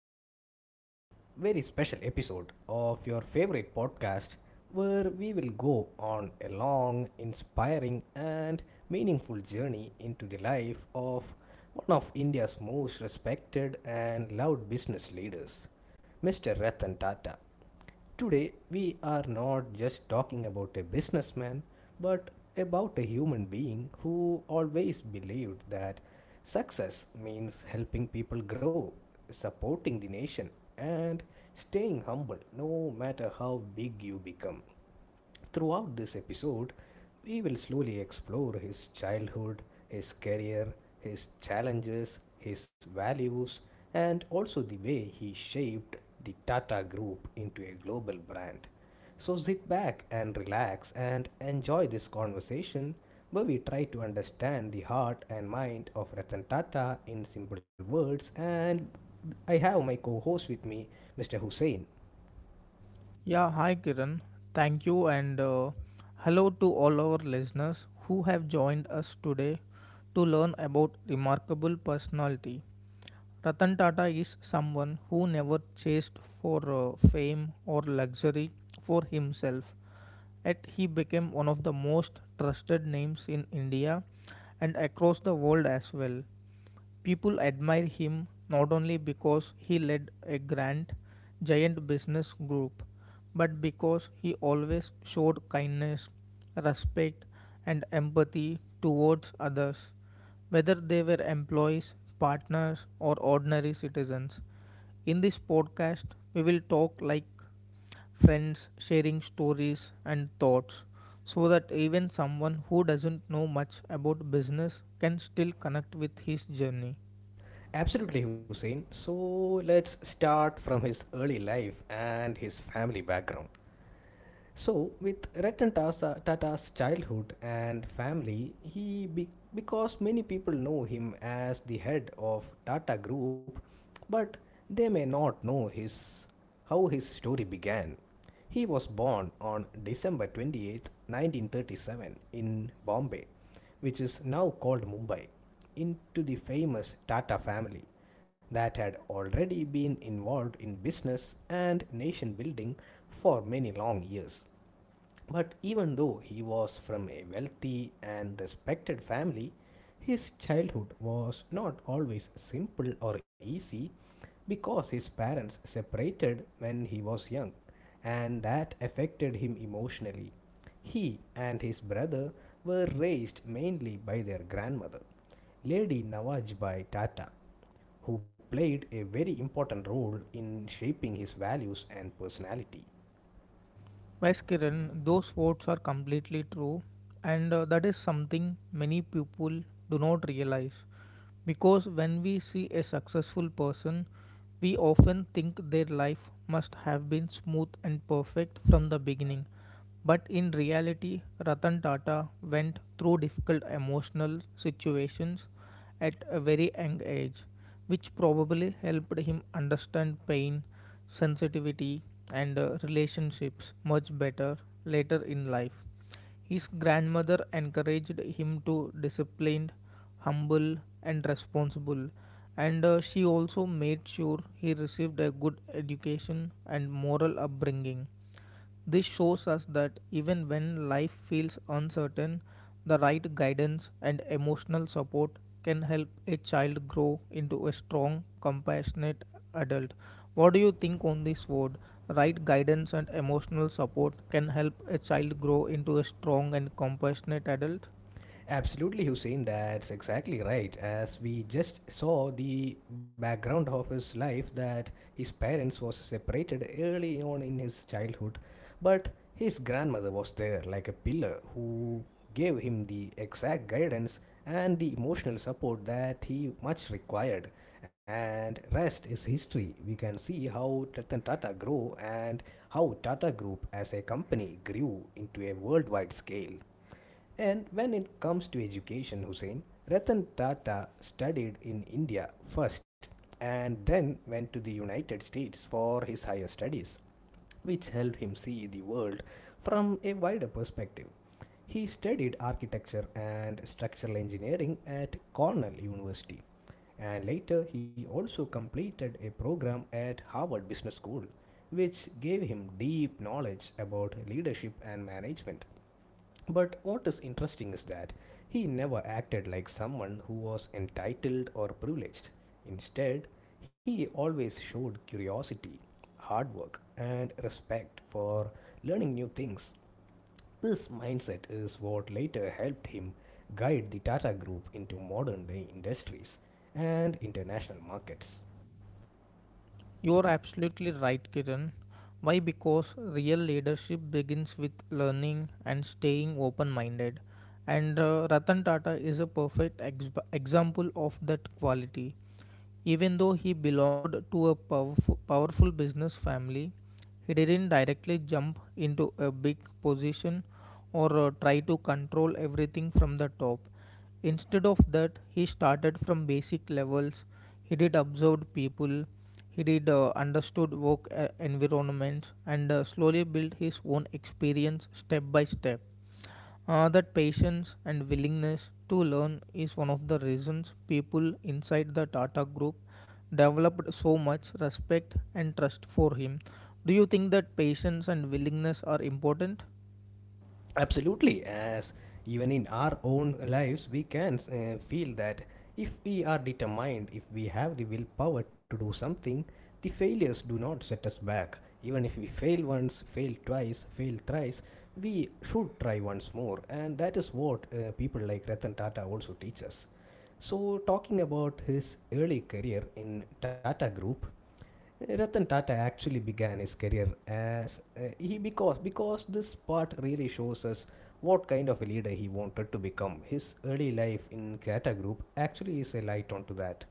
this very special episode of your favorite podcast where we will go on a long, inspiring, and meaningful journey into the life of one of India's most respected and loved business leaders, Mr. Ratan Tata. Today, we are not just talking about a businessman, but about a human being who always believed that success means helping people grow, supporting the nation, and staying humble no matter how big you become. Throughout this episode, we will slowly explore his childhood, his career, his challenges, his values, and also the way he shaped the Tata Group into a global brand. So sit back and relax and enjoy this conversation where we try to understand the heart and mind of Ratan Tata in simple words, and I have my co-host with me, Mr. Hussein. Yeah, hi Kiran. Thank you and hello to all our listeners who have joined us today to learn about remarkable personality. Ratan Tata is someone who never chased for fame or luxury for himself. Yet he became one of the most trusted names in India and across the world as well. People admire him not only because he led a grand, giant business group, but because he always showed kindness, respect, and empathy towards others, whether they were employees, partners, or ordinary citizens. In this podcast, we will talk like friends, sharing stories and thoughts so that even someone who doesn't know much about business can still connect with his journey. Absolutely, Hussein. So let's start from his early life and his family background. So, with Ratan Tata's childhood and family, because many people know him as the head of Tata Group, but they may not know his how his story began. He was born on December 28, 1937, in Bombay, which is now called Mumbai, into the famous Tata family that had already been involved in business and nation building for many long years. But even though he was from a wealthy and respected family, his childhood was not always simple or easy because his parents separated when he was young, and that affected him emotionally. He and his brother were raised mainly by their grandmother, Lady Nawajbai Tata, who played a very important role in shaping his values and personality. Yes, Kiran, those words are completely true, and that is something many people do not realize. Because when we see a successful person, we often think their life must have been smooth and perfect from the beginning. But in reality, Ratan Tata went through difficult emotional situations at a very young age, which probably helped him understand pain, sensitivity, and relationships much better later in life. His grandmother encouraged him to be disciplined, humble, and responsible, and she also made sure he received a good education and moral upbringing. This shows us that even when life feels uncertain, the right guidance and emotional support can help a child grow into a strong, compassionate adult. What do you think on this word? Right guidance and emotional support can help a child grow into a strong and compassionate adult? Absolutely, Hussein, that's exactly right. As we just saw the background of his life, that his parents was separated early on in his childhood, but his grandmother was there like a pillar who gave him the exact guidance and the emotional support that he much required. And rest is history. We can see how Ratan Tata grew and how Tata Group as a company grew into a worldwide scale. And when it comes to education, Hussein, Ratan Tata studied in India first and then went to the United States for his higher studies, which helped him see the world from a wider perspective. He studied architecture and structural engineering at Cornell University, and later he also completed a program at Harvard Business School, which gave him deep knowledge about leadership and management. But what is interesting is that he never acted like someone who was entitled or privileged. Instead, he always showed curiosity, hard work, and respect for learning new things. This mindset is what later helped him guide the Tata Group into modern day industries and international markets. You're absolutely right, Kiran. Why? Because real leadership begins with learning and staying open minded. And Ratan Tata is a perfect example of that quality. Even though he belonged to a powerful, powerful business family, he didn't directly jump into a big position or try to control everything from the top. Instead of that, he started from basic levels. He did observed people, he did understood work environments, and slowly built his own experience step by step. That patience and willingness to learn is one of the reasons people inside the Tata Group developed so much respect and trust for him. Do you think that patience and willingness are important? Absolutely, as even in our own lives, we can feel that if we are determined, if we have the willpower to do something, the failures do not set us back. Even if we fail once, fail twice, fail thrice, we should try once more, and that is what people like Ratan Tata also teach us. So, talking about his early career in Tata Group, Ratan Tata actually began his career as he because this part really shows us what kind of a leader he wanted to become. His early life in Tata Group actually is a light onto that.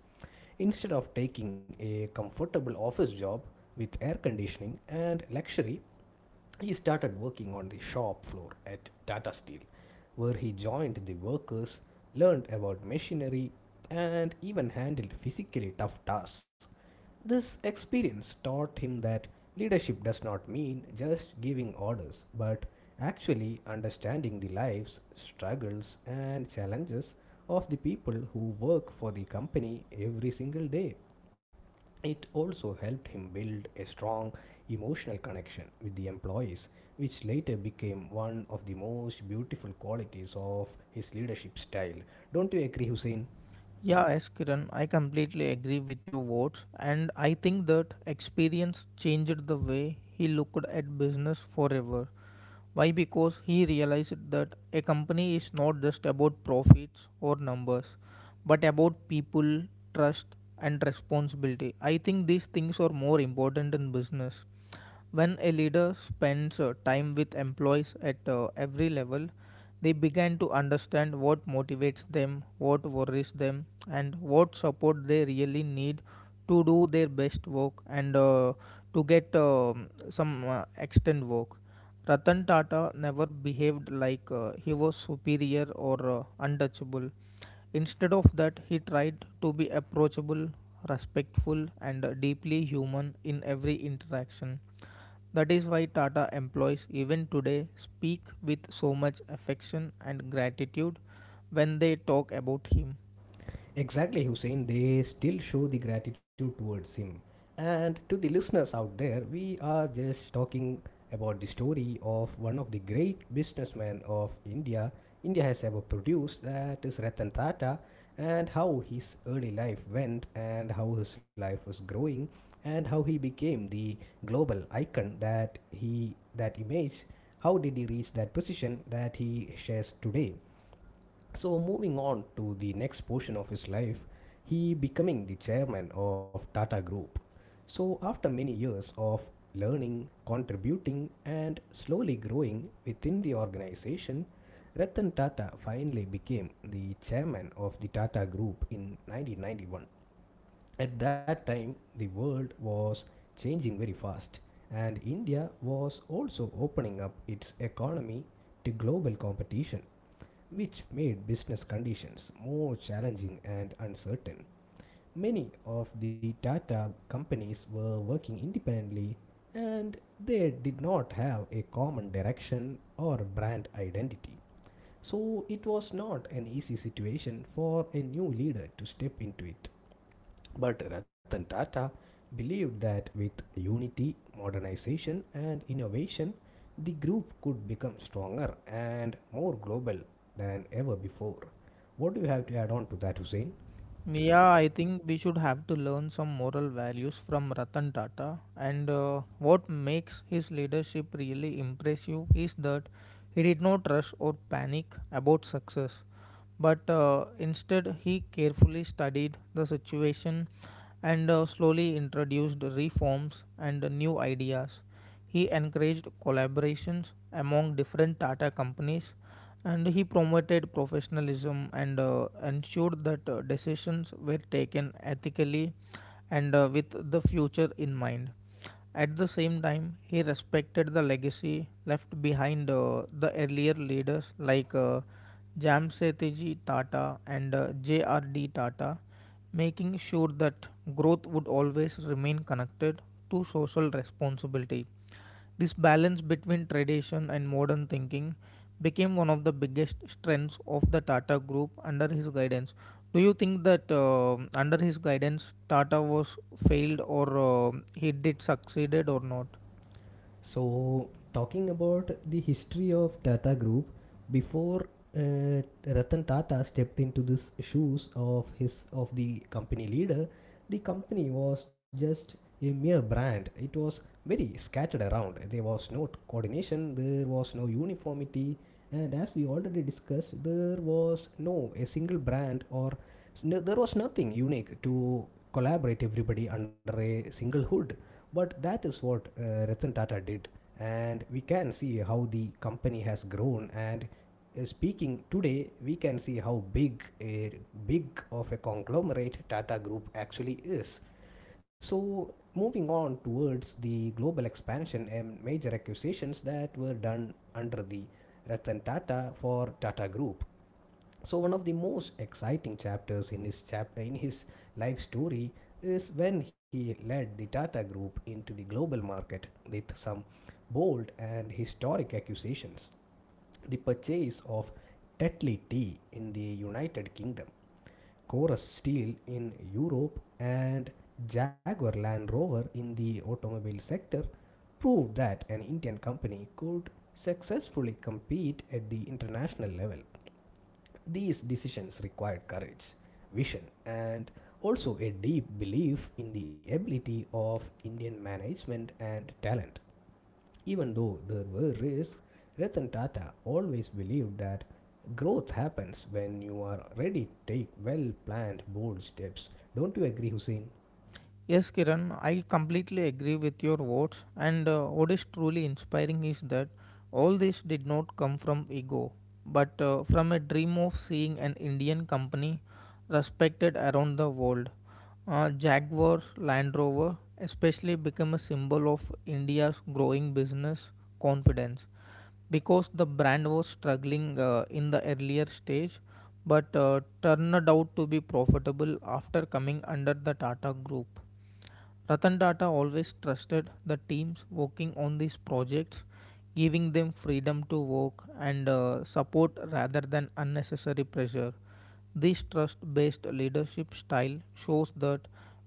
Instead of taking a comfortable office job with air conditioning and luxury, he started working on the shop floor at Tata Steel, where he joined the workers, learned about machinery, and even handled physically tough tasks. This experience taught him that leadership does not mean just giving orders, but actually understanding the lives, struggles, and challenges of the people who work for the company every single day. It also helped him build a strong emotional connection with the employees, which later became one of the most beautiful qualities of his leadership style. Don't you agree, Hussein? Yeah, yes, Kiran, I completely agree with your words, and I think that experience changed the way he looked at business forever. Why? Because he realized that a company is not just about profits or numbers, but about people, trust, and responsibility. I think these things are more important in business. When a leader spends time with employees at every level, they begin to understand what motivates them, what worries them, and what support they really need to do their best work and to get some extent work. Ratan Tata never behaved like he was superior or untouchable. Instead of that, he tried to be approachable, respectful, and deeply human in every interaction. That is why Tata employees, even today, speak with so much affection and gratitude when they talk about him. Exactly, Hussein. They still show the gratitude towards him. And to the listeners out there, we are just talking about the story of one of the great businessmen of India has ever produced, that is Ratan Tata, and how his early life went, and how his life was growing, and how he became the global icon that he that image. How did he reach that position that he shares today? So moving on to the next portion of his life, he becoming the chairman of Tata Group. So after many years of learning, contributing and slowly growing within the organization, Ratan Tata finally became the chairman of the Tata Group in 1991. At that time, the world was changing very fast, and India was also opening up its economy to global competition, which made business conditions more challenging and uncertain. Many of the Tata companies were working independently and they did not have a common direction or brand identity. So it was not an easy situation for a new leader to step into it. But Ratan Tata believed that with unity, modernization, and innovation, the group could become stronger and more global than ever before. What do you have to add on to that, Hussein? Yeah, I think we should have to learn some moral values from Ratan Tata. And what makes his leadership really impressive is that he did not rush or panic about success, but instead, he carefully studied the situation and slowly introduced reforms and new ideas. He encouraged collaborations among different Tata companies and he promoted professionalism and ensured that decisions were taken ethically and with the future in mind. At the same time, he respected the legacy left behind the earlier leaders like Jamsetji Tata and JRD Tata, making sure that growth would always remain connected to social responsibility. This balance between tradition and modern thinking became one of the biggest strengths of the Tata Group under his guidance. Do you think that under his guidance Tata was failed or he did succeeded or not? So, talking about the history of Tata Group, before Ratan Tata stepped into this shoes of his of the company leader, the company was just a mere brand. It was very scattered around. There was no coordination. There was no uniformity, and as we already discussed, there was no a single brand or there was nothing unique to collaborate everybody under a single hood, but that is what Ratan Tata did, and we can see how the company has grown. And speaking today, we can see how big of a conglomerate Tata Group actually is. So, moving on towards the global expansion and major acquisitions that were done under the Ratan Tata for Tata Group. So one of the most exciting chapters in his life story is when he led the Tata Group into the global market with some bold and historic accusations. The purchase of Tetley Tea in the United Kingdom, Corus Steel in Europe, and Jaguar Land Rover in the automobile sector proved that an Indian company could successfully compete at the international level. These decisions required courage, vision, and also a deep belief in the ability of Indian management and talent. Even though there were risks, Ratan Tata always believed that growth happens when you are ready to take well planned bold steps. Don't you agree, Hussein? Yes, Kiran, I completely agree with your words. And what is truly inspiring is that all this did not come from ego, but from a dream of seeing an Indian company respected around the world. Jaguar Land Rover especially became a symbol of India's growing business confidence because the brand was struggling in the earlier stage but turned out to be profitable after coming under the Tata Group. Ratan Tata always trusted the teams working on these projects, giving them freedom to work and support rather than unnecessary pressure. This trust based leadership style shows that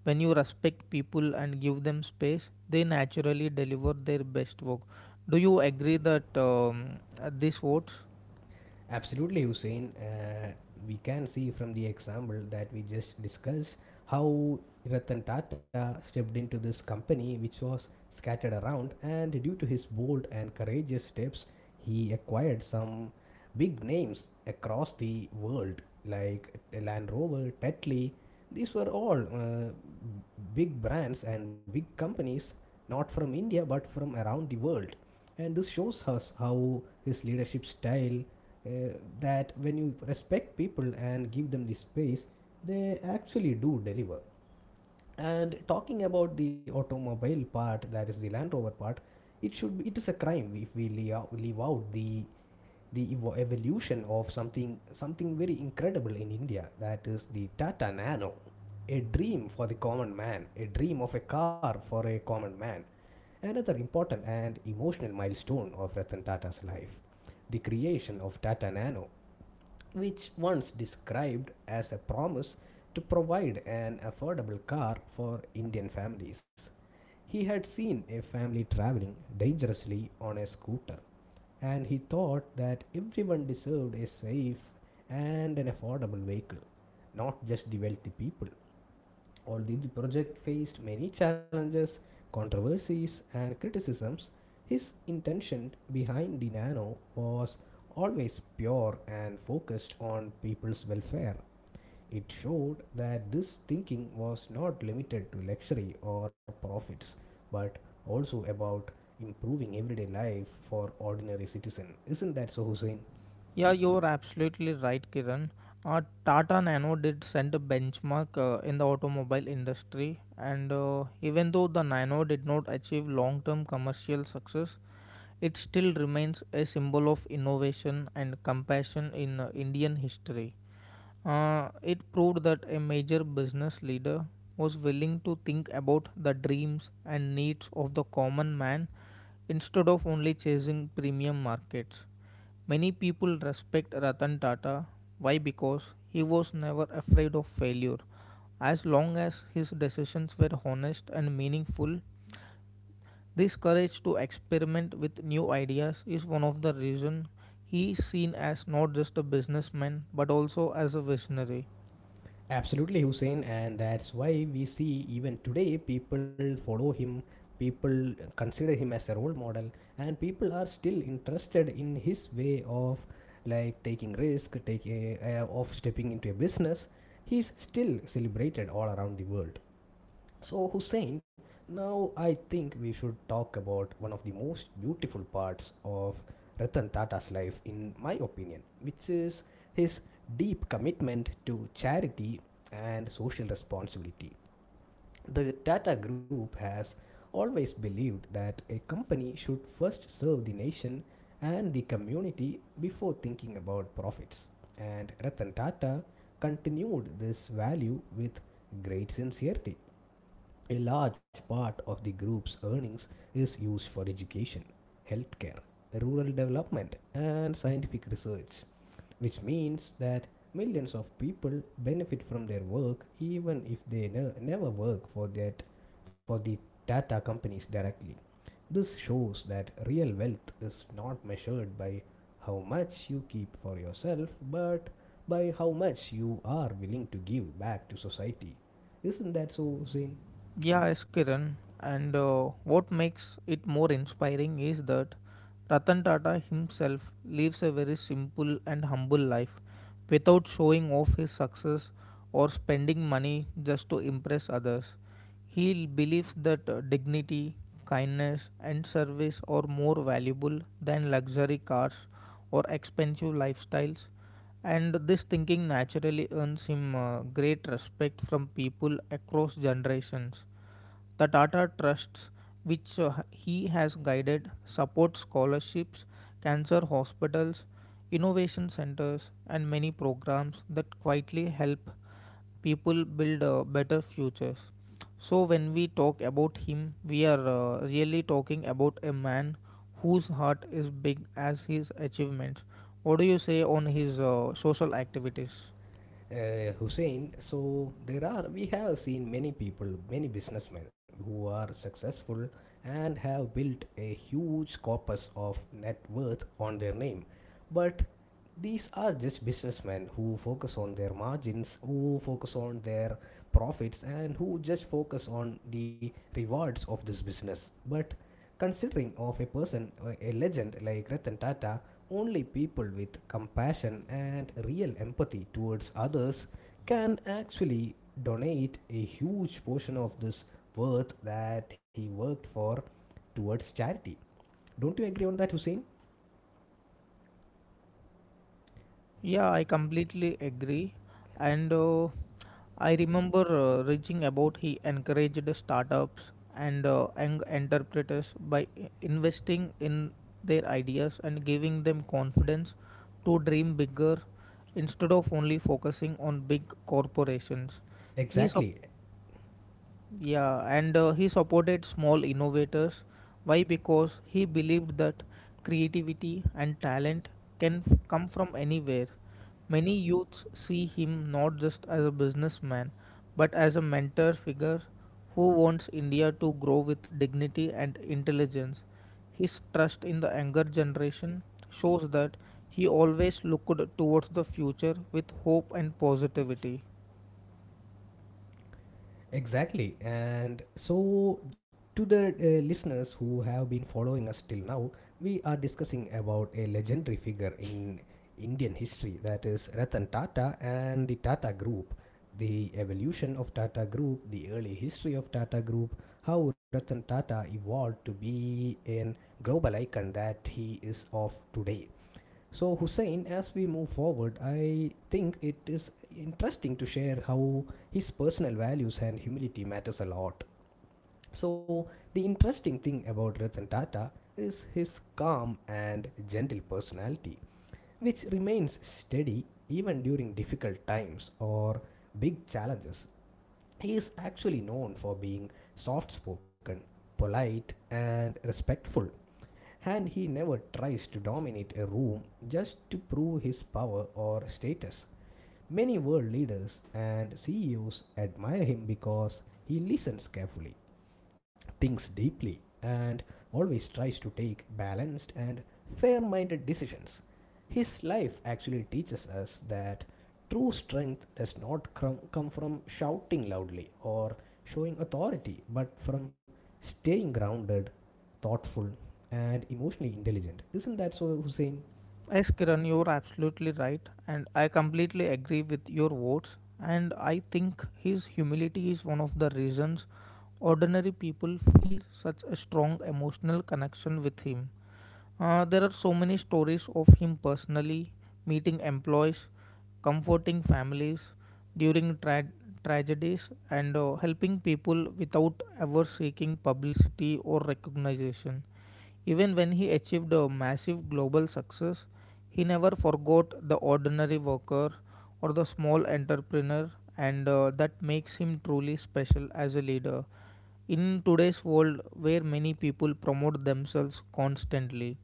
when you respect people and give them space, they naturally deliver their best work. Do you agree that these votes? Absolutely, Hussein. We can see from the example that we just discussed how Ratan Tata stepped into this company which was scattered around, and due to his bold and courageous steps, he acquired some big names across the world like Land Rover, Tetley. These were all big brands and big companies not from India but from around the world, and this shows us how his leadership style, uh, that when you respect people and give them the space, they actually do deliver. And talking about the automobile part, that is the Land Rover part, it should be, it is a crime if we leave out the evolution of something very incredible in India. That is the Tata Nano, a dream for the common man, a dream of a car for a common man. Another important and emotional milestone of Ratan Tata's life, the creation of Tata Nano, which once described as a promise to provide an affordable car for Indian families. He had seen a family traveling dangerously on a scooter, and he thought that everyone deserved a safe and an affordable vehicle, not just the wealthy people. Although the project faced many challenges, controversies, and criticisms, his intention behind the Nano was always pure and focused on people's welfare. It showed that this thinking was not limited to luxury or profits, but also about improving everyday life for ordinary citizen. Isn't that so, Hussein? Yeah, you're absolutely right, Kiran. Tata Nano did set a benchmark in the automobile industry, and even though the Nano did not achieve long term commercial success, it still remains a symbol of innovation and compassion in Indian history. It proved that a major business leader was willing to think about the dreams and needs of the common man instead of only chasing premium markets. Many people respect Ratan Tata. Why? Because he was never afraid of failure. As long as his decisions were honest and meaningful, this courage to experiment with new ideas is one of the reasons he is seen as not just a businessman but also as a visionary. Absolutely, Hussein, and that's why we see even today people follow him, people consider him as a role model, and people are still interested in his way of like taking risk, taking of stepping into a business. He's still celebrated all around the world. So Hussein, now I think we should talk about one of the most beautiful parts of Ratan Tata's life in my opinion, which is his deep commitment to charity and social responsibility. The Tata group has always believed that a company should first serve the nation and the community before thinking about profits. And Ratan Tata continued this value with great sincerity. A large part of the group's earnings is used for education, healthcare, rural development, and scientific research, which means that millions of people benefit from their work even if they never work for that for the Tata companies directly. This shows that real wealth is not measured by how much you keep for yourself, but by how much you are willing to give back to society. Isn't that so, Zain? Yeah, yes, Kiran. And what makes it more inspiring is that Ratan Tata himself lives a very simple and humble life without showing off his success or spending money just to impress others. He believes that dignity, kindness, and service are more valuable than luxury cars or expensive lifestyles, and this thinking naturally earns him great respect from people across generations. The Tata Trusts, which he has guided, support scholarships, cancer hospitals, innovation centers, and many programs that quietly help people build better futures. So, when we talk about him, we are really talking about a man whose heart is big as his achievements. What do you say on his social activities? Hussein, so there are we have seen many people, many businessmen who are successful and have built a huge corpus of net worth on their name, but these are just businessmen who focus on their margins, who focus on their profits, and who just focus on the rewards of this business. But considering of a person, a legend like Ratan Tata, only people with compassion and real empathy towards others can actually donate a huge portion of this worth that he worked for towards charity. Don't you agree on that, Hussein? Yeah, I completely agree. And I remember reaching about he encouraged startups and young entrepreneurs by investing in their ideas and giving them confidence to dream bigger instead of only focusing on big corporations. He Exactly. yeah, and he supported small innovators. Why? Because he believed that creativity and talent can come from anywhere. Many youths see him not just as a businessman, but as a mentor figure who wants India to grow with dignity and intelligence. His trust in the younger generation shows that he always looked towards the future with hope and positivity. Exactly. And so, to the listeners who have been following us till now, we are discussing about a legendary figure in Indian history that is Ratan Tata and the Tata Group, the evolution of Tata Group, the early history of Tata Group, how Ratan Tata evolved to be an global icon that he is of today. So, Hussein, as we move forward, I think it is interesting to share how his personal values and humility matters a lot. So, the interesting thing about Ratan Tata is his calm and gentle personality, which remains steady even during difficult times or big challenges. He is actually known for being soft spoken, polite, and respectful and he never tries to dominate a room just to prove his power or status. Many world leaders and CEOs admire him because he listens carefully, thinks deeply, and always tries to take balanced and fair minded decisions. His life actually teaches us that true strength does not come from shouting loudly or showing authority, but from staying grounded, thoughtful, and emotionally intelligent. Isn't that so, Hussein? Yes, Kiran, you're absolutely right, and I completely agree with your words. And I think his humility is one of the reasons ordinary people feel such a strong emotional connection with him. There are so many stories of him personally meeting employees, comforting families during tragedies, and helping people without ever seeking publicity or recognition. Even when he achieved a massive global success, he never forgot the ordinary worker or the small entrepreneur, and that makes him truly special as a leader. In today's world, where many people promote themselves constantly,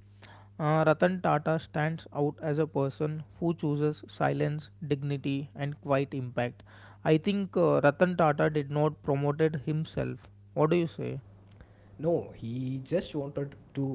Ratan Tata stands out as a person who chooses silence, dignity, and quiet impact. I think Ratan Tata did not promoted himself. What do you say? No, he just wanted to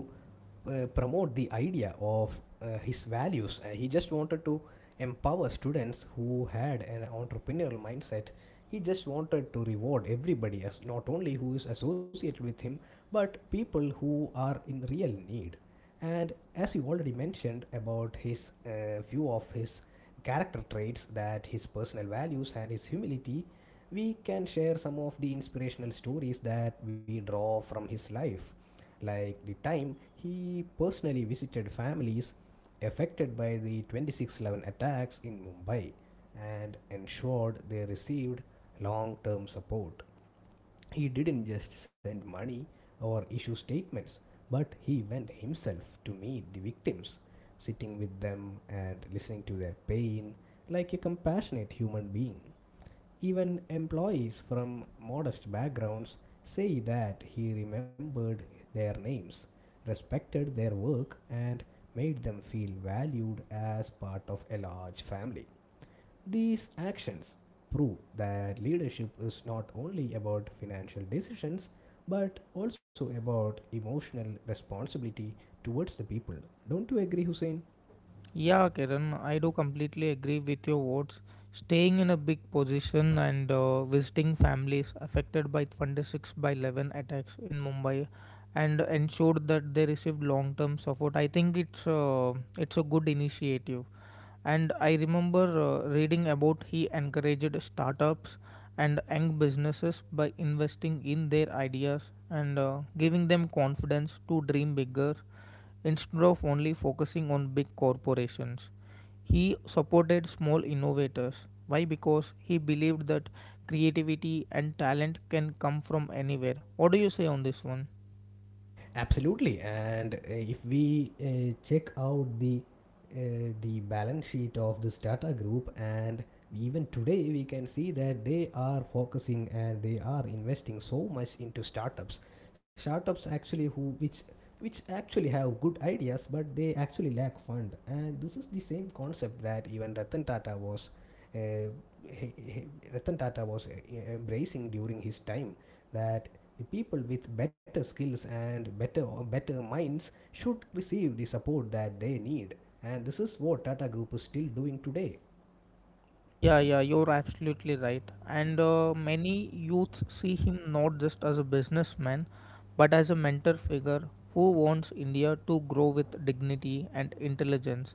promote the idea of his values. He just wanted to empower students who had an entrepreneurial mindset. He just wanted to reward everybody, as not only who is associated with him, but people who are in real need. And as you already mentioned about his few of his character traits, that his personal values and his humility we can share some of the inspirational stories that we draw from his life, like the time he personally visited families affected by the 26/11 attacks in Mumbai and ensured they received long term support. He didn't just send money or issue statements, but he went himself to meet the victims, sitting with them and listening to their pain like a compassionate human being. Even employees from modest backgrounds say that he remembered their names, respected their work, and made them feel valued as part of a large family. These actions prove that leadership is not only about financial decisions but also about emotional responsibility towards the people. Don't you agree, Hussein? Yeah, Kiran, I do completely agree with your words. Staying in a big position and visiting families affected by 26 by 11 attacks in Mumbai and ensured that they received long-term support. I think it's a good initiative and I remember reading about he encouraged startups and young businesses by investing in their ideas and giving them confidence to dream bigger instead of only focusing on big corporations. He supported small innovators. Why? Because he believed that creativity and talent can come from anywhere. What do you say on this one? Absolutely. And if we check out the the balance sheet of this Tata Group, and even today we can see that they are focusing and they are investing so much into startups. Startups actually who which actually have good ideas, but they actually lack fund. And this is the same concept that even Ratan Tata was uh, he- Ratan Tata was e- embracing during his time that the people with better skills and better minds should receive the support that they need, and this is what Tata Group is still doing today. Yeah, you're absolutely right. And many youths see him not just as a businessman, but as a mentor figure who wants India to grow with dignity and intelligence.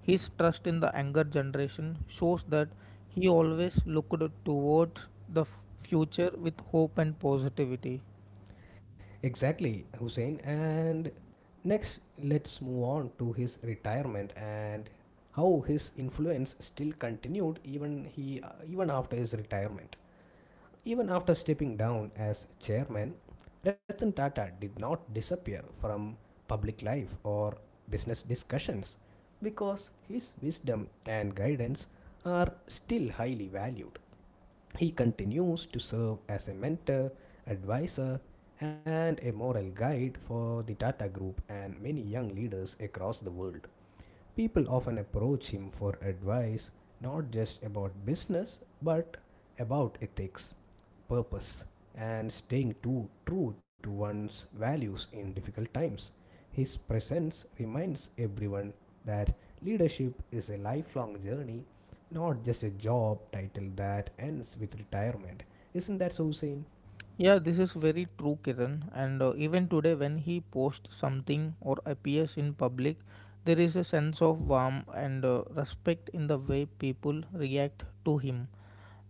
His trust in the younger generation shows that he always looked towards the future with hope and positivity. Exactly, Hussein, and next let's move on to his retirement and how his influence still continued even after his retirement. Even after stepping down as chairman, Ratan Tata did not disappear from public life or business discussions because his wisdom and guidance are still highly valued. He continues to serve as a mentor, advisor, and a moral guide for the Tata Group and many young leaders across the world. People often approach him for advice not just about business but about ethics, purpose, and staying too true to one's values in difficult times. His presence reminds everyone that leadership is a lifelong journey, not just a job title that ends with retirement. Isn't that so, Hussein? Yeah, this is very true, Kiran. And even today, when he posts something or appears in public, there is a sense of warmth and respect in the way people react to him.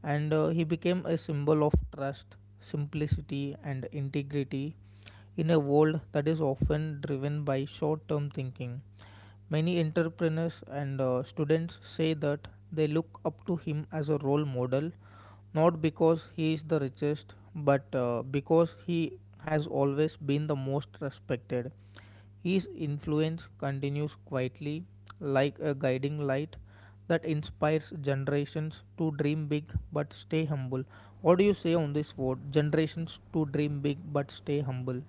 And he became a symbol of trust, simplicity, and integrity in a world that is often driven by short term thinking. Many entrepreneurs and students say that they look up to him as a role model, not because he is the richest, but because he has always been the most respected. His influence continues quietly, like a guiding light that inspires generations to dream big but stay humble. What do you say on this word? Generations to dream big but stay humble.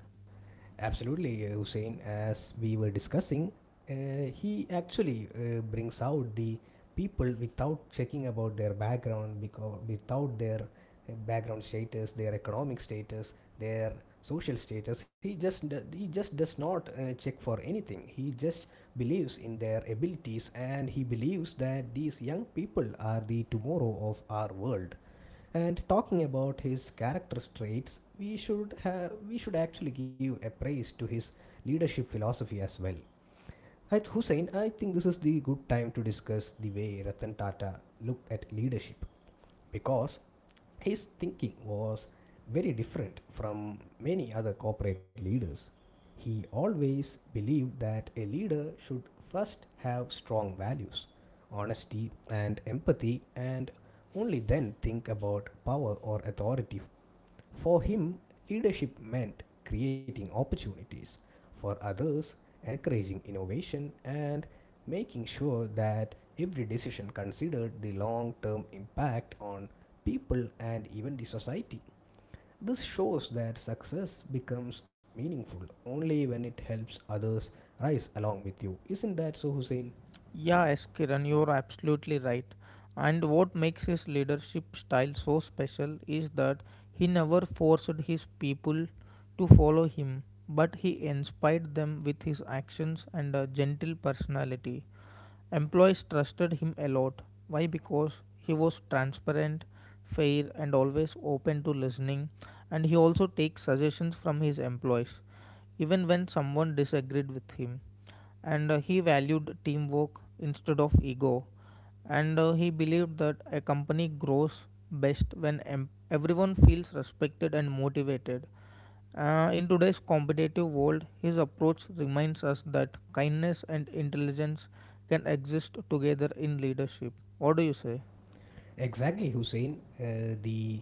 Absolutely, Hussein. As we were discussing, he actually brings out the people without checking about their background, because without their background status, their economic status, their social status. He just does not check for anything. He just believes in their abilities, and he believes that these young people are the tomorrow of our world. And talking about his character traits, we should actually give a praise to his leadership philosophy as well. At Hussein, I think this is the good time to discuss the way Ratan Tata looked at leadership because his thinking was very different from many other corporate leaders. He always believed that a leader should first have strong values, honesty, and empathy, and only then think about power or authority for him, leadership meant creating opportunities for others, encouraging innovation, and making sure that every decision considered the long term impact on people and even the society. This shows that success becomes meaningful only when it helps others rise along with you. Isn't that so, Hussein? Yeah, S. Kiran, you're absolutely right. And what makes his leadership style so special is that he never forced his people to follow him, but he inspired them with his actions and a gentle personality. Employees trusted him a lot. Why? Because he was transparent, fair, and always open to listening, and he also takes suggestions from his employees, even when someone disagreed with him, and he valued teamwork instead of ego, and he believed that a company grows best when everyone feels respected and motivated. In today's competitive world, his approach reminds us that kindness and intelligence can exist together in leadership. What do you say? Exactly, Hussein. The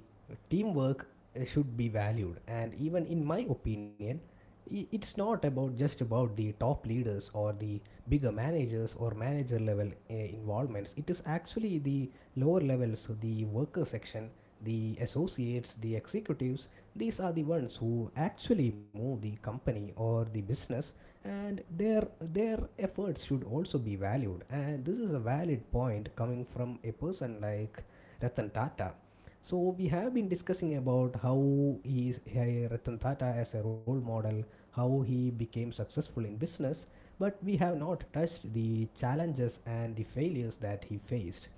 teamwork should be valued, and even in my opinion, it's not about just about the top leaders or the bigger managers or manager level involvements. It is actually the lower levels, so the worker section, the associates, the executives. These are the ones who actually move the company or the business, and their efforts should also be valued. And this is a valid point coming from a person like Ratan Tata. So we have been discussing about how he is Ratan Tata as a role model, how he became successful in business, but we have not touched the challenges and the failures that he faced.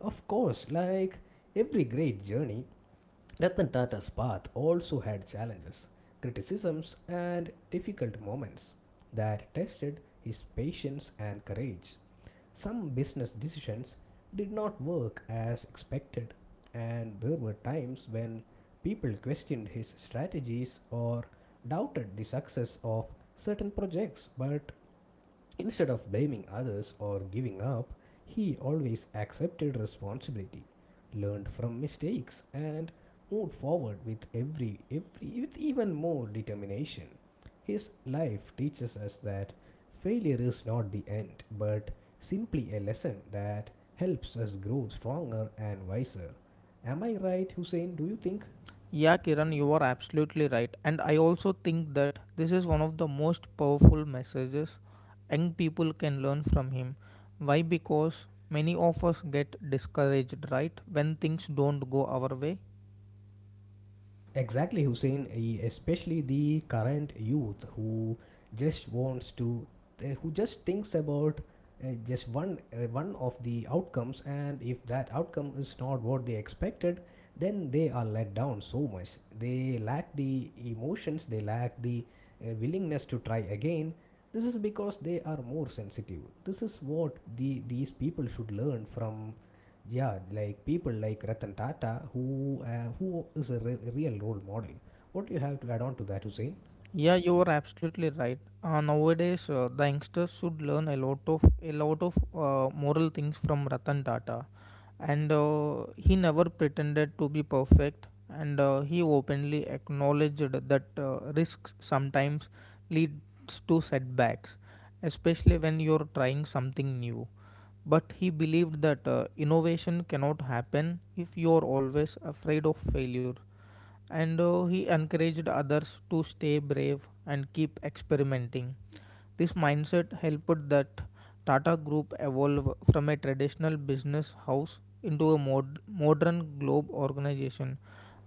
Of course, like every great journey, Ratan Tata's path also had challenges, criticisms, and difficult moments that tested his patience and courage. Some business decisions did not work as expected, and there were times when people questioned his strategies or doubted the success of certain projects. But instead of blaming others or giving up, he always accepted responsibility, learned from mistakes, and moved forward with every with even more determination. His life teaches us that failure is not the end, but simply a lesson that helps us grow stronger and wiser. Am I right, Hussein? Do you think? Yeah, Kiran, you are absolutely right. And I also think that this is one of the most powerful messages young people can learn from him. Why? Because many of us get discouraged, right? When things don't go our way. Exactly, Hussein. Especially the current youth who just wants to, who just thinks about just one of the outcomes, and if that outcome is not what they expected, then they are let down so much. They lack the emotions. They lack the willingness to try again. This is because they are more sensitive. This is what these people should learn from, yeah, like people like Ratan Tata, who is a real role model. What do you have to add on to that, Hussein? Yeah, you are absolutely right. Nowadays, the youngsters should learn a lot of moral things from Ratan Tata, and he never pretended to be perfect, and he openly acknowledged that risks sometimes leads to setbacks, especially when you're trying something new. But he believed that innovation cannot happen if you're always afraid of failure, and he encouraged others to stay brave and keep experimenting. This mindset helped that Tata Group evolve from a traditional business house into a modern globe organization.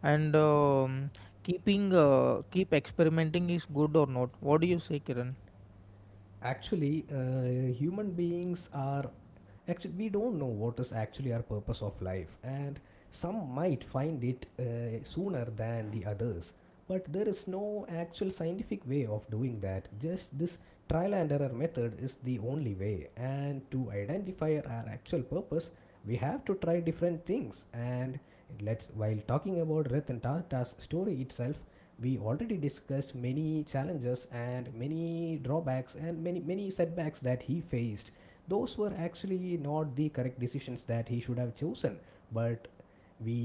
And keep experimenting is good or not? What do you say, Kiran? Actually, human beings are actually, we don't know what is actually our purpose of life, and some might find it sooner than the others, but there is no actual scientific way of doing that. Just this trial and error method is the only way, and to identify our actual purpose we have to try different things. And let's, while talking about Ratan Tata's story itself, we already discussed many challenges and many drawbacks and many setbacks that he faced. Those were actually not the correct decisions that he should have chosen, but we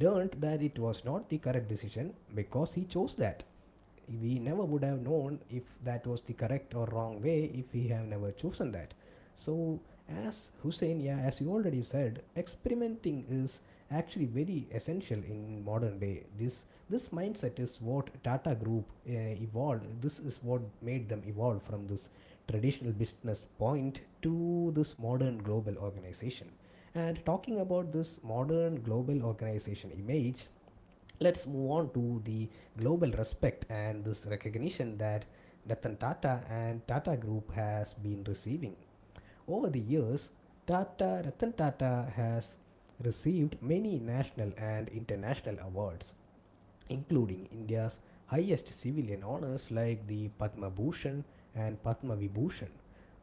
learned that it was not the correct decision because he chose that. We never would have known if that was the correct or wrong way if we have never chosen that. So, as Hussein, yeah, as you already said, experimenting is actually very essential in modern day. This mindset is what Tata Group evolved this is what made them evolve from this traditional business point to this modern global organization. And talking about this modern global organization image, let's move on to the global respect and this recognition that Ratan Tata and Tata Group has been receiving. Over the years, Tata Ratan Tata has received many national and international awards including India's highest civilian honors like the Padma Bhushan and Padma Vibhushan.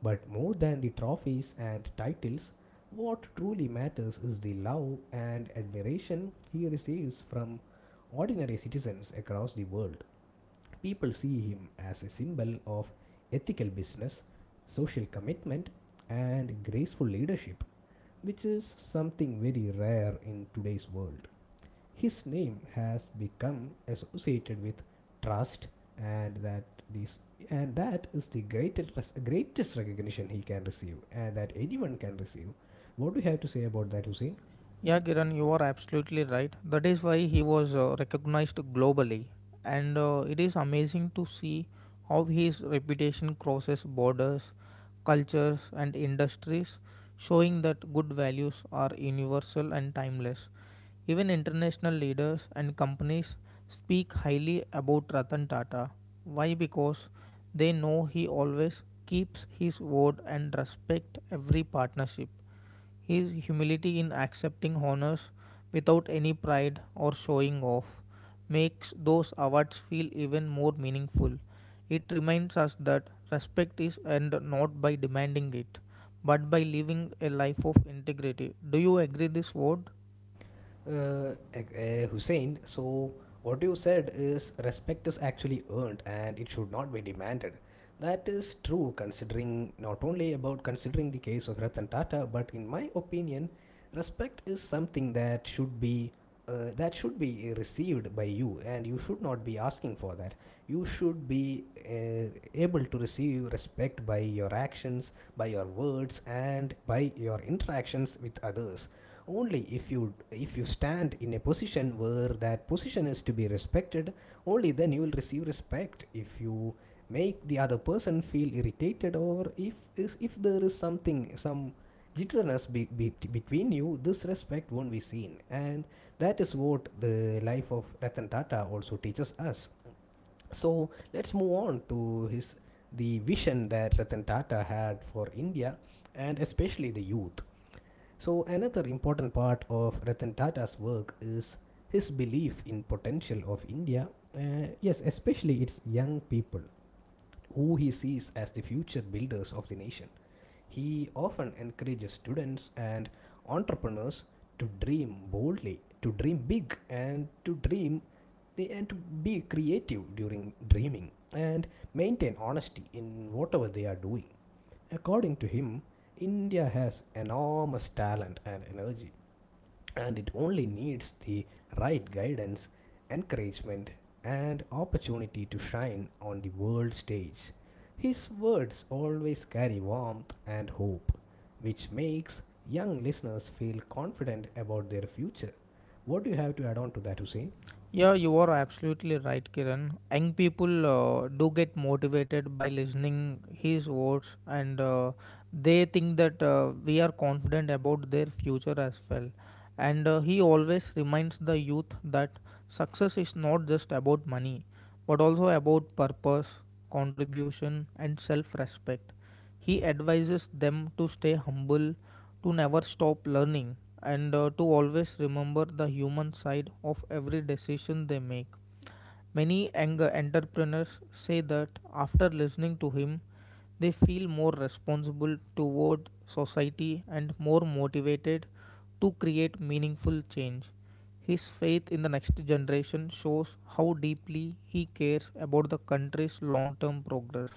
But more than the trophies and titles, what truly matters is the love and admiration he receives from ordinary citizens across the world. People see him as a symbol of ethical business, social commitment, and graceful leadership, which is something very rare in today's world. His name has become associated with trust, and that this and that is the greatest recognition he can receive, and that anyone can receive. What do you have to say about that, Hussein? Yeah, Kiran, you are absolutely right. That is why he was recognized globally, and it is amazing to see how his reputation crosses borders, cultures, and industries, showing that good values are universal and timeless. Even international leaders and companies speak highly about Ratan Tata. Why? Because they know he always keeps his word and respect every partnership. His humility in accepting honors without any pride or showing off makes those awards feel even more meaningful. It reminds us that respect is earned not by demanding it, but by living a life of integrity. Do you agree this word? Hussein, so what you said is respect is actually earned and it should not be demanded. That is true considering not only about considering the case of Ratan Tata, but in my opinion, respect is something that should be received by you, and you should not be asking for that. You should be able to receive respect by your actions, by your words, and by your interactions with others only if you stand in a position where that position is to be respected. Only then you will receive respect. If you make the other person feel irritated, or if if there is something, some jitteriness between you, this respect won't be seen. And that is what the life of Ratan Tata also teaches us. So let's move on to his the vision that Ratan Tata had for India, and especially the youth. So another important part of Ratan Tata's work is his belief in potential of India. Yes, especially its young people, who he sees as the future builders of the nation. He often encourages students and entrepreneurs to dream boldly, to dream big, and to dream and to be creative during dreaming, and maintain honesty in whatever they are doing. According to him, India has enormous talent and energy, and it only needs the right guidance, encouragement, and opportunity to shine on the world stage. His words always carry warmth and hope, which makes young listeners feel confident about their future. What do you have to add on to that, Hussein? Yeah, you are absolutely right, Kiran. Young people do get motivated by listening his words, and they think that we are confident about their future as well. And he always reminds the youth that success is not just about money, but also about purpose, contribution, and self-respect. He advises them to stay humble, to never stop learning, and to always remember the human side of every decision they make. Many young entrepreneurs say that after listening to him, they feel more responsible toward society and more motivated to create meaningful change. His faith in the next generation shows how deeply he cares about the country's long term progress.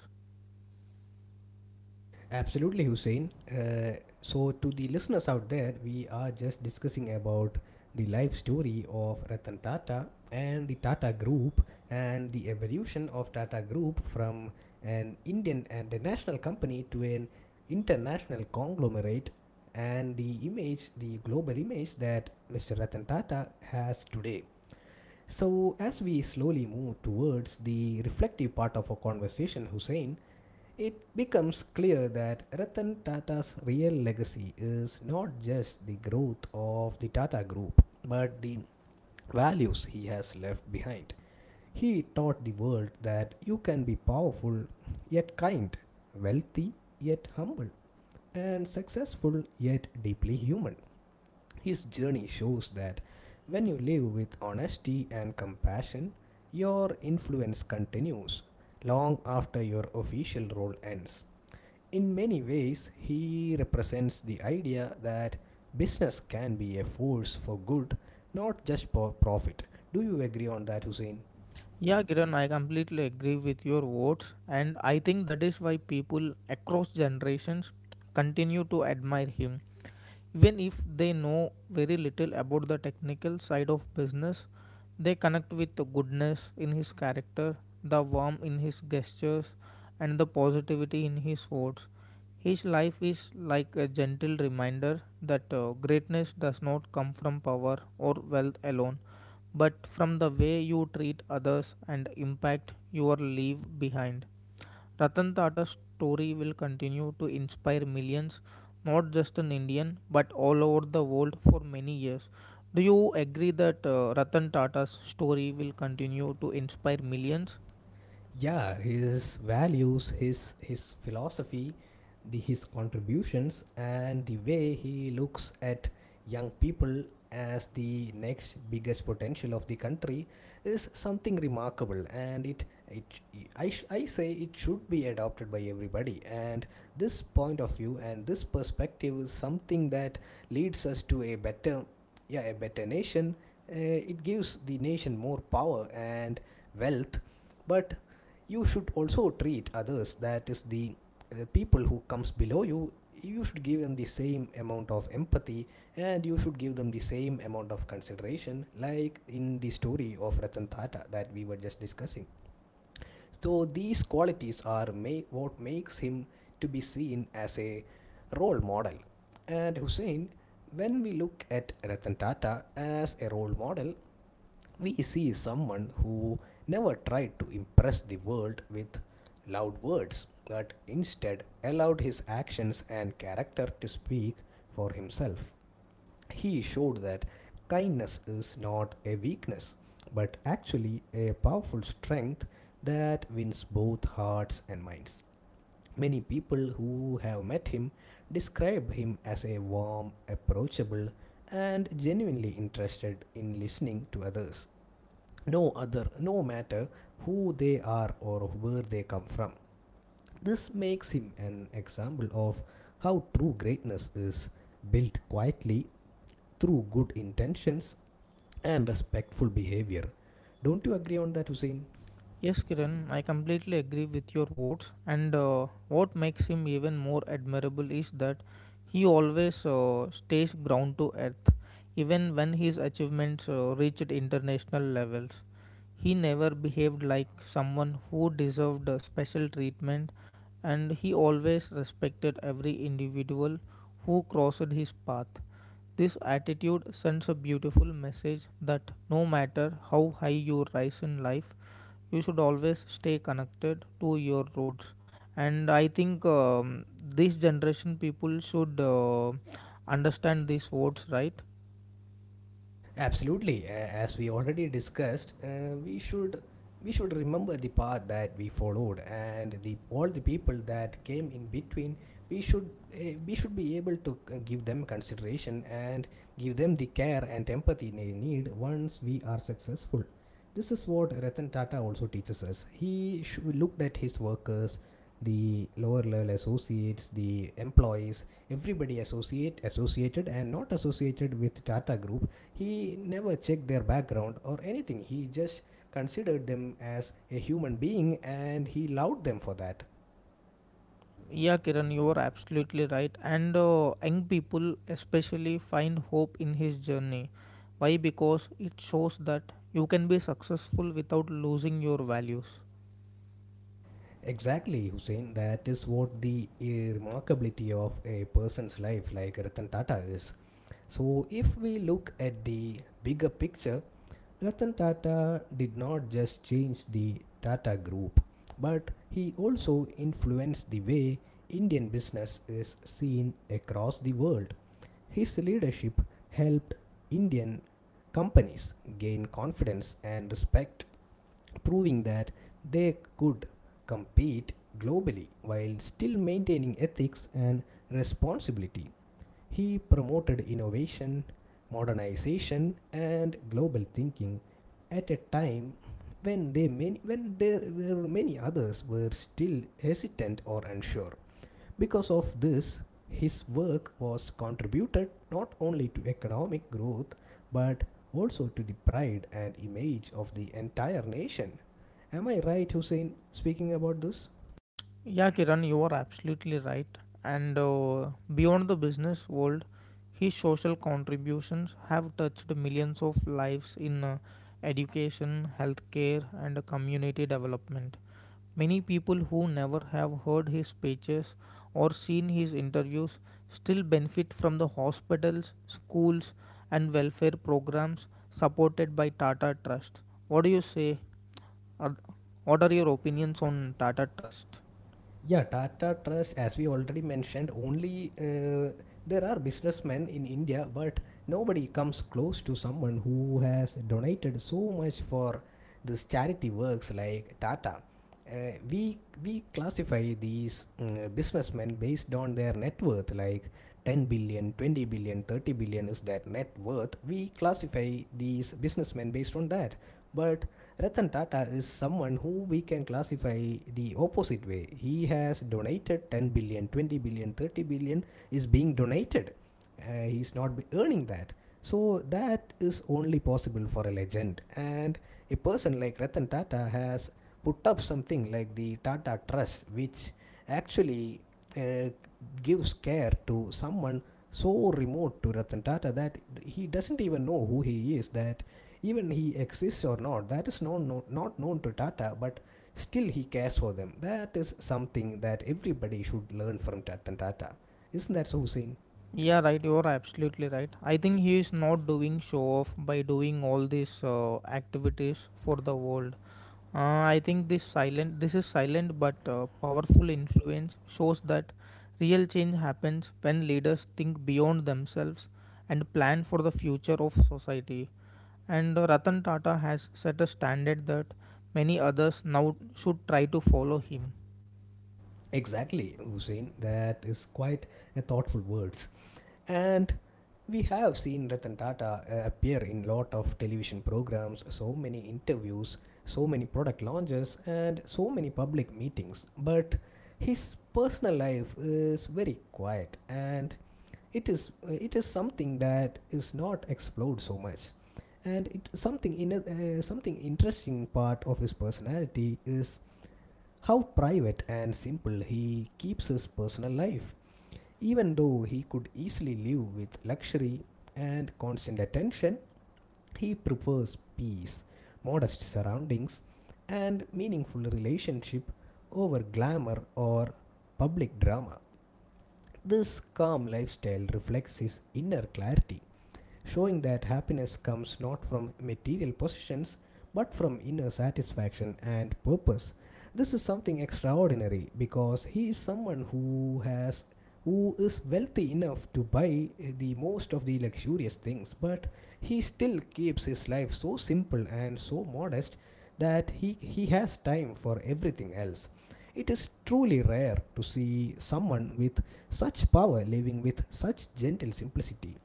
Absolutely, Hussein. So, to the listeners out there, we are just discussing about the life story of Ratan Tata and the Tata Group, and the evolution of Tata Group from an Indian and a national company to an international conglomerate, and the image, the global image that Mr. Ratan Tata has today. So, as we slowly move towards the reflective part of our conversation, Hussein, it becomes clear that Ratan Tata's real legacy is not just the growth of the Tata Group, but the values he has left behind. He taught the world that you can be powerful yet kind, wealthy yet humble, and successful yet deeply human. His journey shows that when you live with honesty and compassion, your influence continues long after your official role ends. In many ways, he represents the idea that business can be a force for good, not just for profit. Do you agree on that, Hussein? Yeah, Kiran, I completely agree with your words, and I think that is why people across generations continue to admire him. Even if they know very little about the technical side of business, they connect with the goodness in his character, the warmth in his gestures, and the positivity in his words. His life is like a gentle reminder that greatness does not come from power or wealth alone but from the way you treat others and impact you leave behind. Ratan Tata's story will continue to inspire millions, not just in India, but all over the world for many years. Do you agree that Ratan Tata's story will continue to inspire millions? Yeah, his values, his philosophy, the his contributions, and the way he looks at young people as the next biggest potential of the country is something remarkable. And it I, I say it should be adopted by everybody. And this point of view and this perspective is something that leads us to a better, yeah, a better nation. It gives the nation more power and wealth. But you should also treat others. That is the people who comes below you. You should give them the same amount of empathy, and you should give them the same amount of consideration, like in the story of Ratan Tata that we were just discussing. So these qualities are what makes him to be seen as a role model. And Hussein, when we look at Ratan Tata as a role model, we see someone who never tried to impress the world with loud words, but instead allowed his actions and character to speak for himself. He showed that kindness is not a weakness, but actually a powerful strength that wins both hearts and minds. Many people who have met him describe him as a warm, approachable, and genuinely interested in listening to others, no matter who they are or where they come from. This makes him an example of how true greatness is built quietly through good intentions and respectful behavior. Don't you agree on that, Hussein? Yes, Kiran, I completely agree with your words. And what makes him even more admirable is that he always stays ground to earth, even when his achievements reached international levels. He never behaved like someone who deserved a special treatment, and he always respected every individual who crossed his path. This attitude sends a beautiful message that no matter how high you rise in life, you should always stay connected to your roots, and I think this generation people should understand these words, right? Absolutely. As we already discussed, we should remember the path that we followed and the all the people that came in between. We should be able to give them consideration, and give them the care and empathy they need once we are successful. This is what Ratan Tata also teaches us. He looked at his workers, the lower level associates, the employees, everybody associated and not associated with Tata Group. He never checked their background or anything. He just considered them as a human being, and he loved them for that. Yeah, Kiran, you are absolutely right. And young people especially find hope in his journey. Why? Because it shows that you can be successful without losing your values. Exactly, Hussein. That is what the remarkability of a person's life like Ratan Tata is. So if we look at the bigger picture, Ratan Tata did not just change the Tata Group, but he also influenced the way Indian business is seen across the world. His leadership helped Indian companies gain confidence and respect, proving that they could compete globally while still maintaining ethics and responsibility. He promoted innovation, modernization, and global thinking at a time when when there were many others were still hesitant or unsure. Because of this, his work was contributed not only to economic growth, but also to the pride and image of the entire nation. Am I right, Hussein, speaking about this? Yeah, Kiran, you are absolutely right. And beyond the business world, his social contributions have touched millions of lives in education, healthcare, and community development. Many people who never have heard his speeches or seen his interviews still benefit from the hospitals, schools, and welfare programs supported by Tata Trust. What do you say? Are- What are your opinions on Tata Trust? Yeah, Tata Trust, as we already mentioned, only there are businessmen in India, but nobody comes close to someone who has donated so much for this charity works like Tata. We classify these businessmen based on their net worth, like 10 billion, 20 billion, 30 billion is their net worth. We classify these businessmen based on that. But Ratan Tata is someone who we can classify the opposite way. He has donated 10 billion, 20 billion, 30 billion is being donated. He's not earning that. So that is only possible for a legend. And a person like Ratan Tata has put up something like the Tata Trust, which actually uh, gives care to someone so remote to Ratan Tata that he doesn't even know who he is, that even he exists or not, that is not known to Tata, but still he cares for them. That is something that everybody should learn from Ratan Tata. Isn't that so, Hussein? Yeah, right. You're absolutely right. I think he is not doing show off by doing all these activities for the world. Uh, I think this is silent but powerful influence shows that real change happens when leaders think beyond themselves and plan for the future of society. And Ratan Tata has set a standard that many others now should try to follow him. Exactly, Hussein. That is quite a thoughtful words. And we have seen Ratan Tata appear in lot of television programs, so many interviews, so many product launches, and so many public meetings. But his personal life is very quiet, and it is something that is not explored so much. And it something in something interesting part of his personality is how private and simple he keeps his personal life. Even though he could easily live with luxury and constant attention, he prefers peace, modest surroundings, and meaningful relationship over glamour or public drama. This calm lifestyle reflects his inner clarity, showing that happiness comes not from material possessions, but from inner satisfaction and purpose. This is something extraordinary, because he is someone who has who is wealthy enough to buy the most of the luxurious things, but he still keeps his life so simple and so modest that he has time for everything else. It is truly rare to see someone with such power living with such gentle simplicity.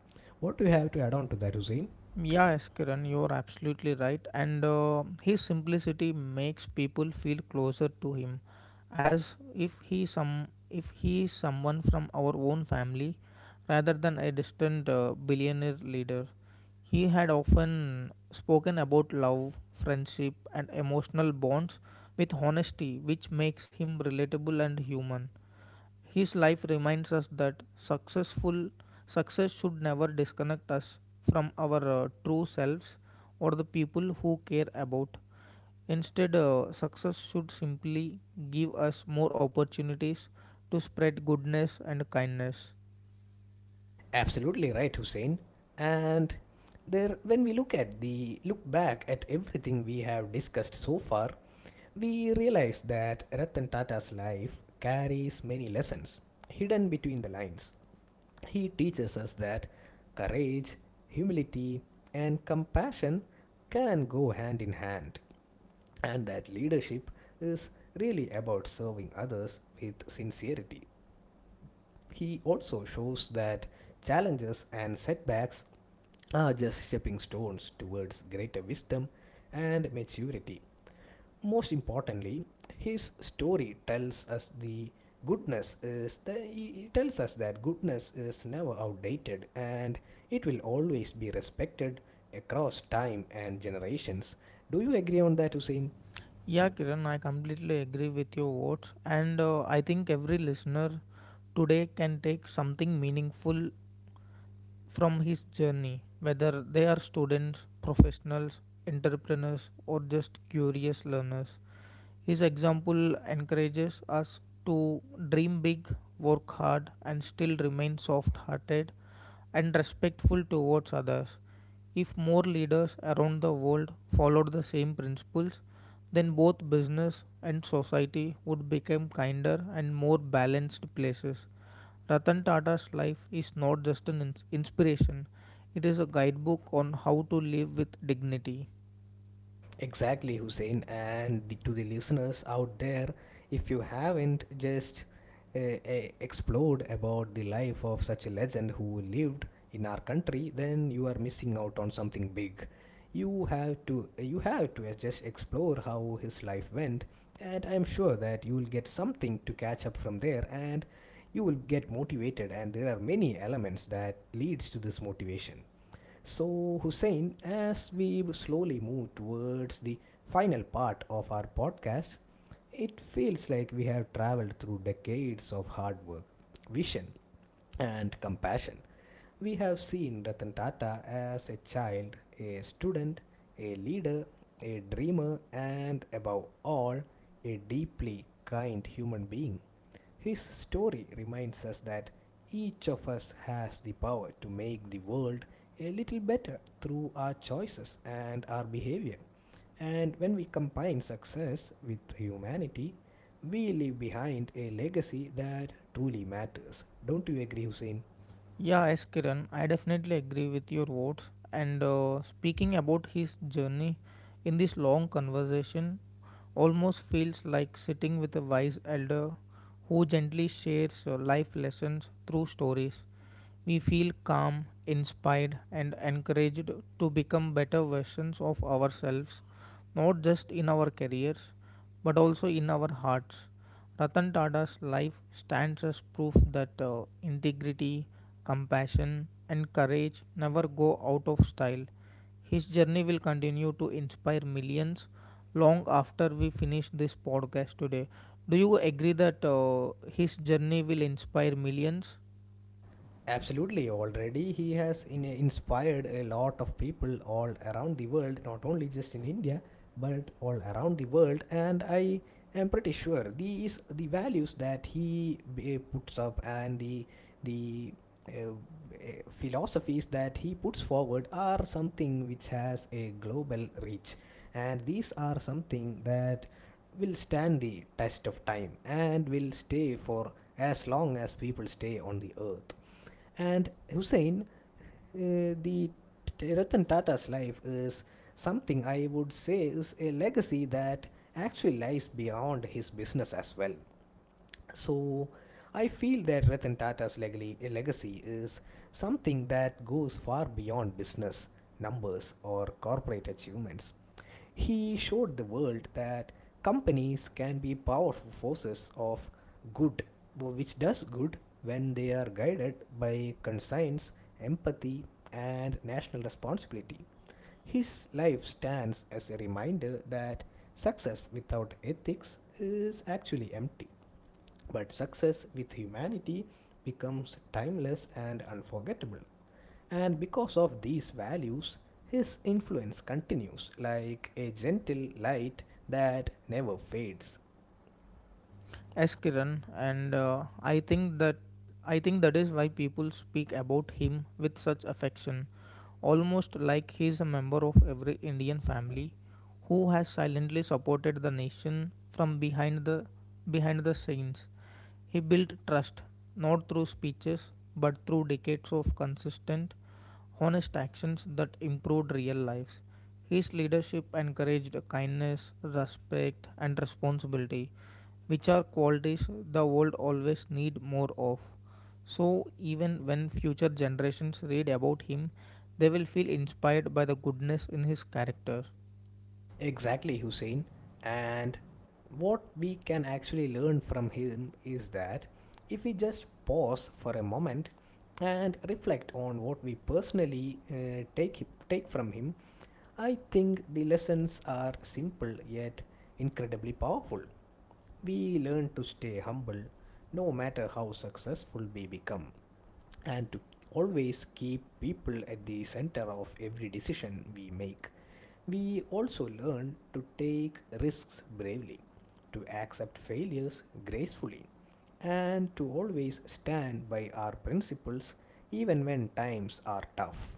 What do you have to add on to that, Hussein? Yeah, Yes, Kiran, you're absolutely right. And his simplicity makes people feel closer to him, as if he is someone from our own family, rather than a distant billionaire leader. He had often spoken about love, friendship, and emotional bonds with honesty, which makes him relatable and human. His life reminds us that success should never disconnect us from our true selves or the people who care about. Instead, success should simply give us more opportunities to spread goodness and kindness. Absolutely right, Hussein. And there, when we look at the look back at everything we have discussed so far, we realize that Ratan Tata's life carries many lessons hidden between the lines. He teaches us that courage, humility, and compassion can go hand in hand, and that leadership is really about serving others with sincerity. He also shows that challenges and setbacks are just stepping stones towards greater wisdom and maturity. Most importantly, his story tells us the goodness is the, it tells us that goodness is never outdated, and it will always be respected across time and generations. Do you agree on that, Hussein? Yeah, Kiran, I completely agree with your words, and I think every listener today can take something meaningful from his journey, whether they are students, professionals, entrepreneurs, or just curious learners. His example encourages us to dream big, work hard, and still remain soft hearted and respectful towards others. If more leaders around the world followed the same principles, then both business and society would become kinder and more balanced places. Ratan Tata's life is not just an inspiration, it is a guidebook on how to live with dignity. Exactly, Hussein. And to the listeners out there, if you haven't just explored about the life of such a legend who lived in our country, then you are missing out on something big. You have to just explore how his life went, and I'm sure that you will get something to catch up from there, and you will get motivated. And there are many elements that leads to this motivation. So, Hussein, as we slowly move towards the final part of our podcast, it feels like we have traveled through decades of hard work, vision, and compassion. We have seen Ratan Tata as a child, a student, a leader, a dreamer, and above all, a deeply kind human being. His story reminds us that each of us has the power to make the world a little better through our choices and our behavior. And when we combine success with humanity, we leave behind a legacy that truly matters. Don't you agree, Hussein? Yeah, as Kiran, I definitely agree with your words. And speaking about his journey in this long conversation, almost feels like sitting with a wise elder who gently shares life lessons through stories. We feel calm, inspired, and encouraged to become better versions of ourselves, not just in our careers, but also in our hearts. Ratan Tata's life stands as proof that integrity, compassion, and courage never go out of style. His journey will continue to inspire millions long after we finish this podcast today. Do you agree that his journey will inspire millions? Absolutely. Already, he has inspired a lot of people all around the world, not only just in India, but all around the world. And I am pretty sure the values that he puts up and the uh, philosophies that he puts forward are something which has a global reach, and these are something that will stand the test of time and will stay for as long as people stay on the earth. And Hussein, uh, the Ratan Tata's life is something I would say is a legacy that actually lies beyond his business as well. So I feel that Ratan Tata's legacy is something that goes far beyond business, numbers, or corporate achievements. He showed the world that companies can be powerful forces of good, which does good when they are guided by conscience, empathy, and national responsibility. His life stands as a reminder that success without ethics is actually empty. But success with humanity becomes timeless and unforgettable. And because of these values, his influence continues like a gentle light that never fades. Yes, Kiran, and I think that is why people speak about him with such affection, almost like he is a member of every Indian family who has silently supported the nation from behind the scenes. He built trust not through speeches but through decades of consistent, honest actions that improved real lives. His leadership encouraged kindness, respect, and responsibility, which are qualities the world always needs more of. So, even when future generations read about him, they will feel inspired by the goodness in his character. Exactly, Hussein. And what we can actually learn from him is that if we just pause for a moment and reflect on what we personally take from him, I think the lessons are simple yet incredibly powerful. We learn to stay humble no matter how successful we become and to always keep people at the center of every decision we make. We also learn to take risks bravely, to accept failures gracefully, and to always stand by our principles even when times are tough.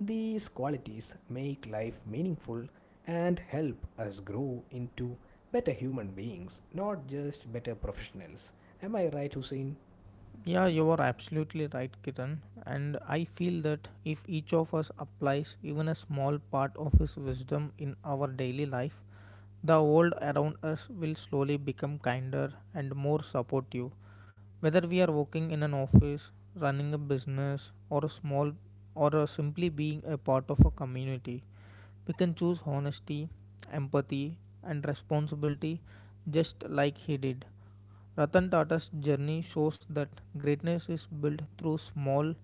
These qualities make life meaningful and help us grow into better human beings, not just better professionals. Am I right, Hussein? Yeah, you are absolutely right, Kiran. And I feel that if each of us applies even a small part of his wisdom in our daily life, the world around us will slowly become kinder and more supportive. Whether we are working in an office, running a business, or a small or a simply being a part of a community, we can choose honesty, empathy, and responsibility just like he did. Ratan Tata's journey shows that greatness is built through small,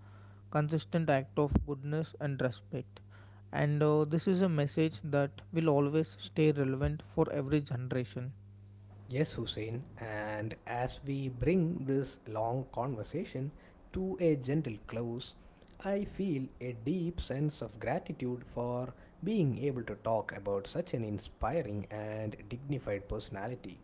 consistent act of goodness and respect. And this is a message that will always stay relevant for every generation. Yes, Hussein. And as we bring this long conversation to a gentle close, I feel a deep sense of gratitude for being able to talk about such an inspiring and dignified personality.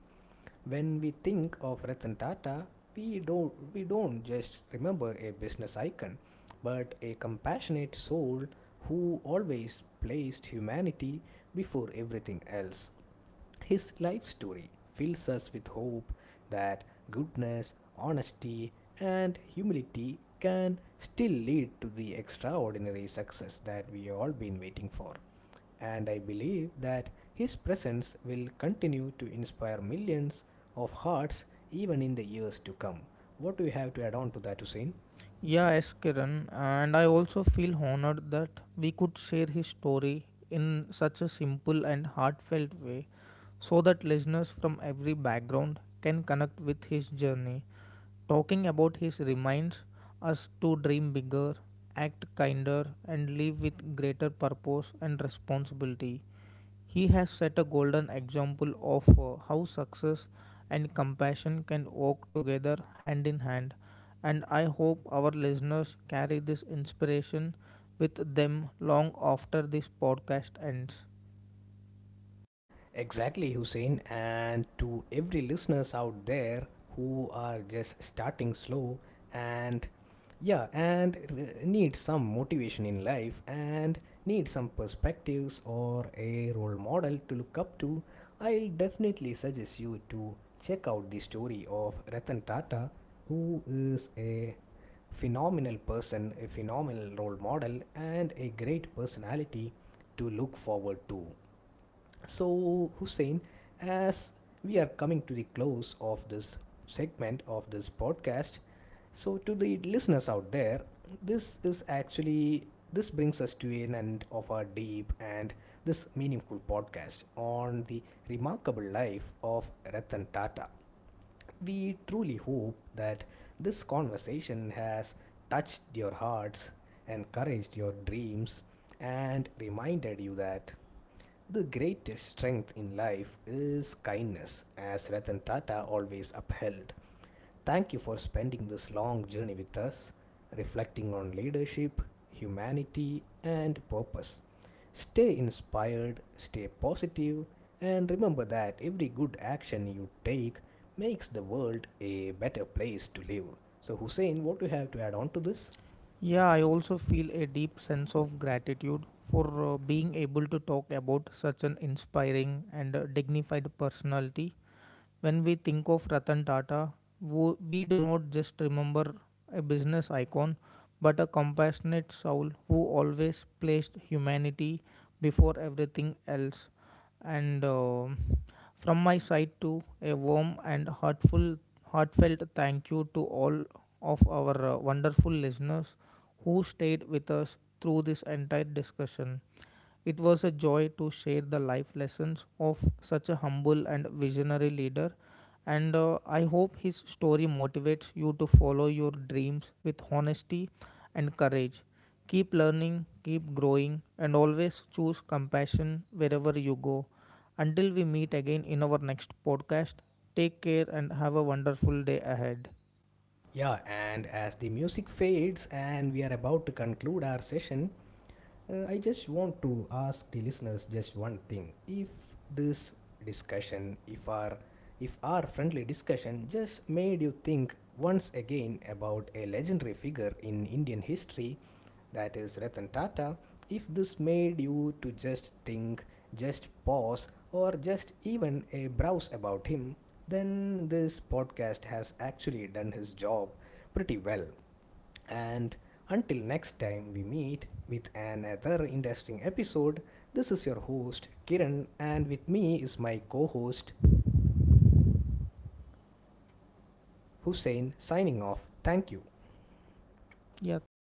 When we think of Ratan Tata, we don't just remember a business icon, but a compassionate soul who always placed humanity before everything else. His life story fills us with hope that goodness, honesty, and humility can still lead to the extraordinary success that we all been waiting for. And I believe that his presence will continue to inspire millions of hearts even in the years to come. What do you have to add on to that, Hussein? Yeah, yes, Kiran. And I also feel honored that we could share his story in such a simple and heartfelt way so that listeners from every background can connect with his journey. Talking about his reminds us to dream bigger, act kinder, and live with greater purpose and responsibility. He has set a golden example of how success and compassion can walk together hand in hand, and I hope our listeners carry this inspiration with them long after this podcast ends. Exactly, Hussein. And to every listeners out there who are just starting slow and yeah, and need some motivation in life and need some perspectives or a role model to look up to, I'll definitely suggest you to check out the story of Ratan Tata, who is a phenomenal person, a phenomenal role model, and a great personality to look forward to. So, Hussein, as we are coming to the close of this segment of this podcast, so to the listeners out there, this is actually this brings us to an end of our deep and this meaningful podcast on the remarkable life of Ratan Tata. We truly hope that this conversation has touched your hearts, encouraged your dreams, and reminded you that the greatest strength in life is kindness, as Ratan Tata always upheld. Thank you for spending this long journey with us, reflecting on leadership, humanity, and purpose. Stay inspired, stay positive, and remember that every good action you take makes the world a better place to live. So, Hussein, what do you have to add on to this? Yeah, I also feel a deep sense of gratitude for being able to talk about such an inspiring and dignified personality. When we think of Ratan Tata, we do not just remember a business icon, but a compassionate soul who always placed humanity before everything else. And from my side, too, a heartfelt thank you to all of our wonderful listeners who stayed with us through this entire discussion. It was a joy to share the life lessons of such a humble and visionary leader, and I hope his story motivates you to follow your dreams with honesty and courage. Keep learning, keep growing, and always choose compassion wherever you go. Until we meet again in our next podcast, take care and have a wonderful day ahead. Yeah, and as the music fades and we are about to conclude our session, I just want to ask the listeners just one thing. If this discussion, if our friendly discussion just made you think once again about a legendary figure in Indian history that is Ratan Tata, if this made you to just think, just pause, or just even a browse about him, then this podcast has actually done his job pretty well. And until next time we meet with another interesting episode, this is your host Kiran, and with me is my co host Hussein signing off. Thank you. Yeah, thank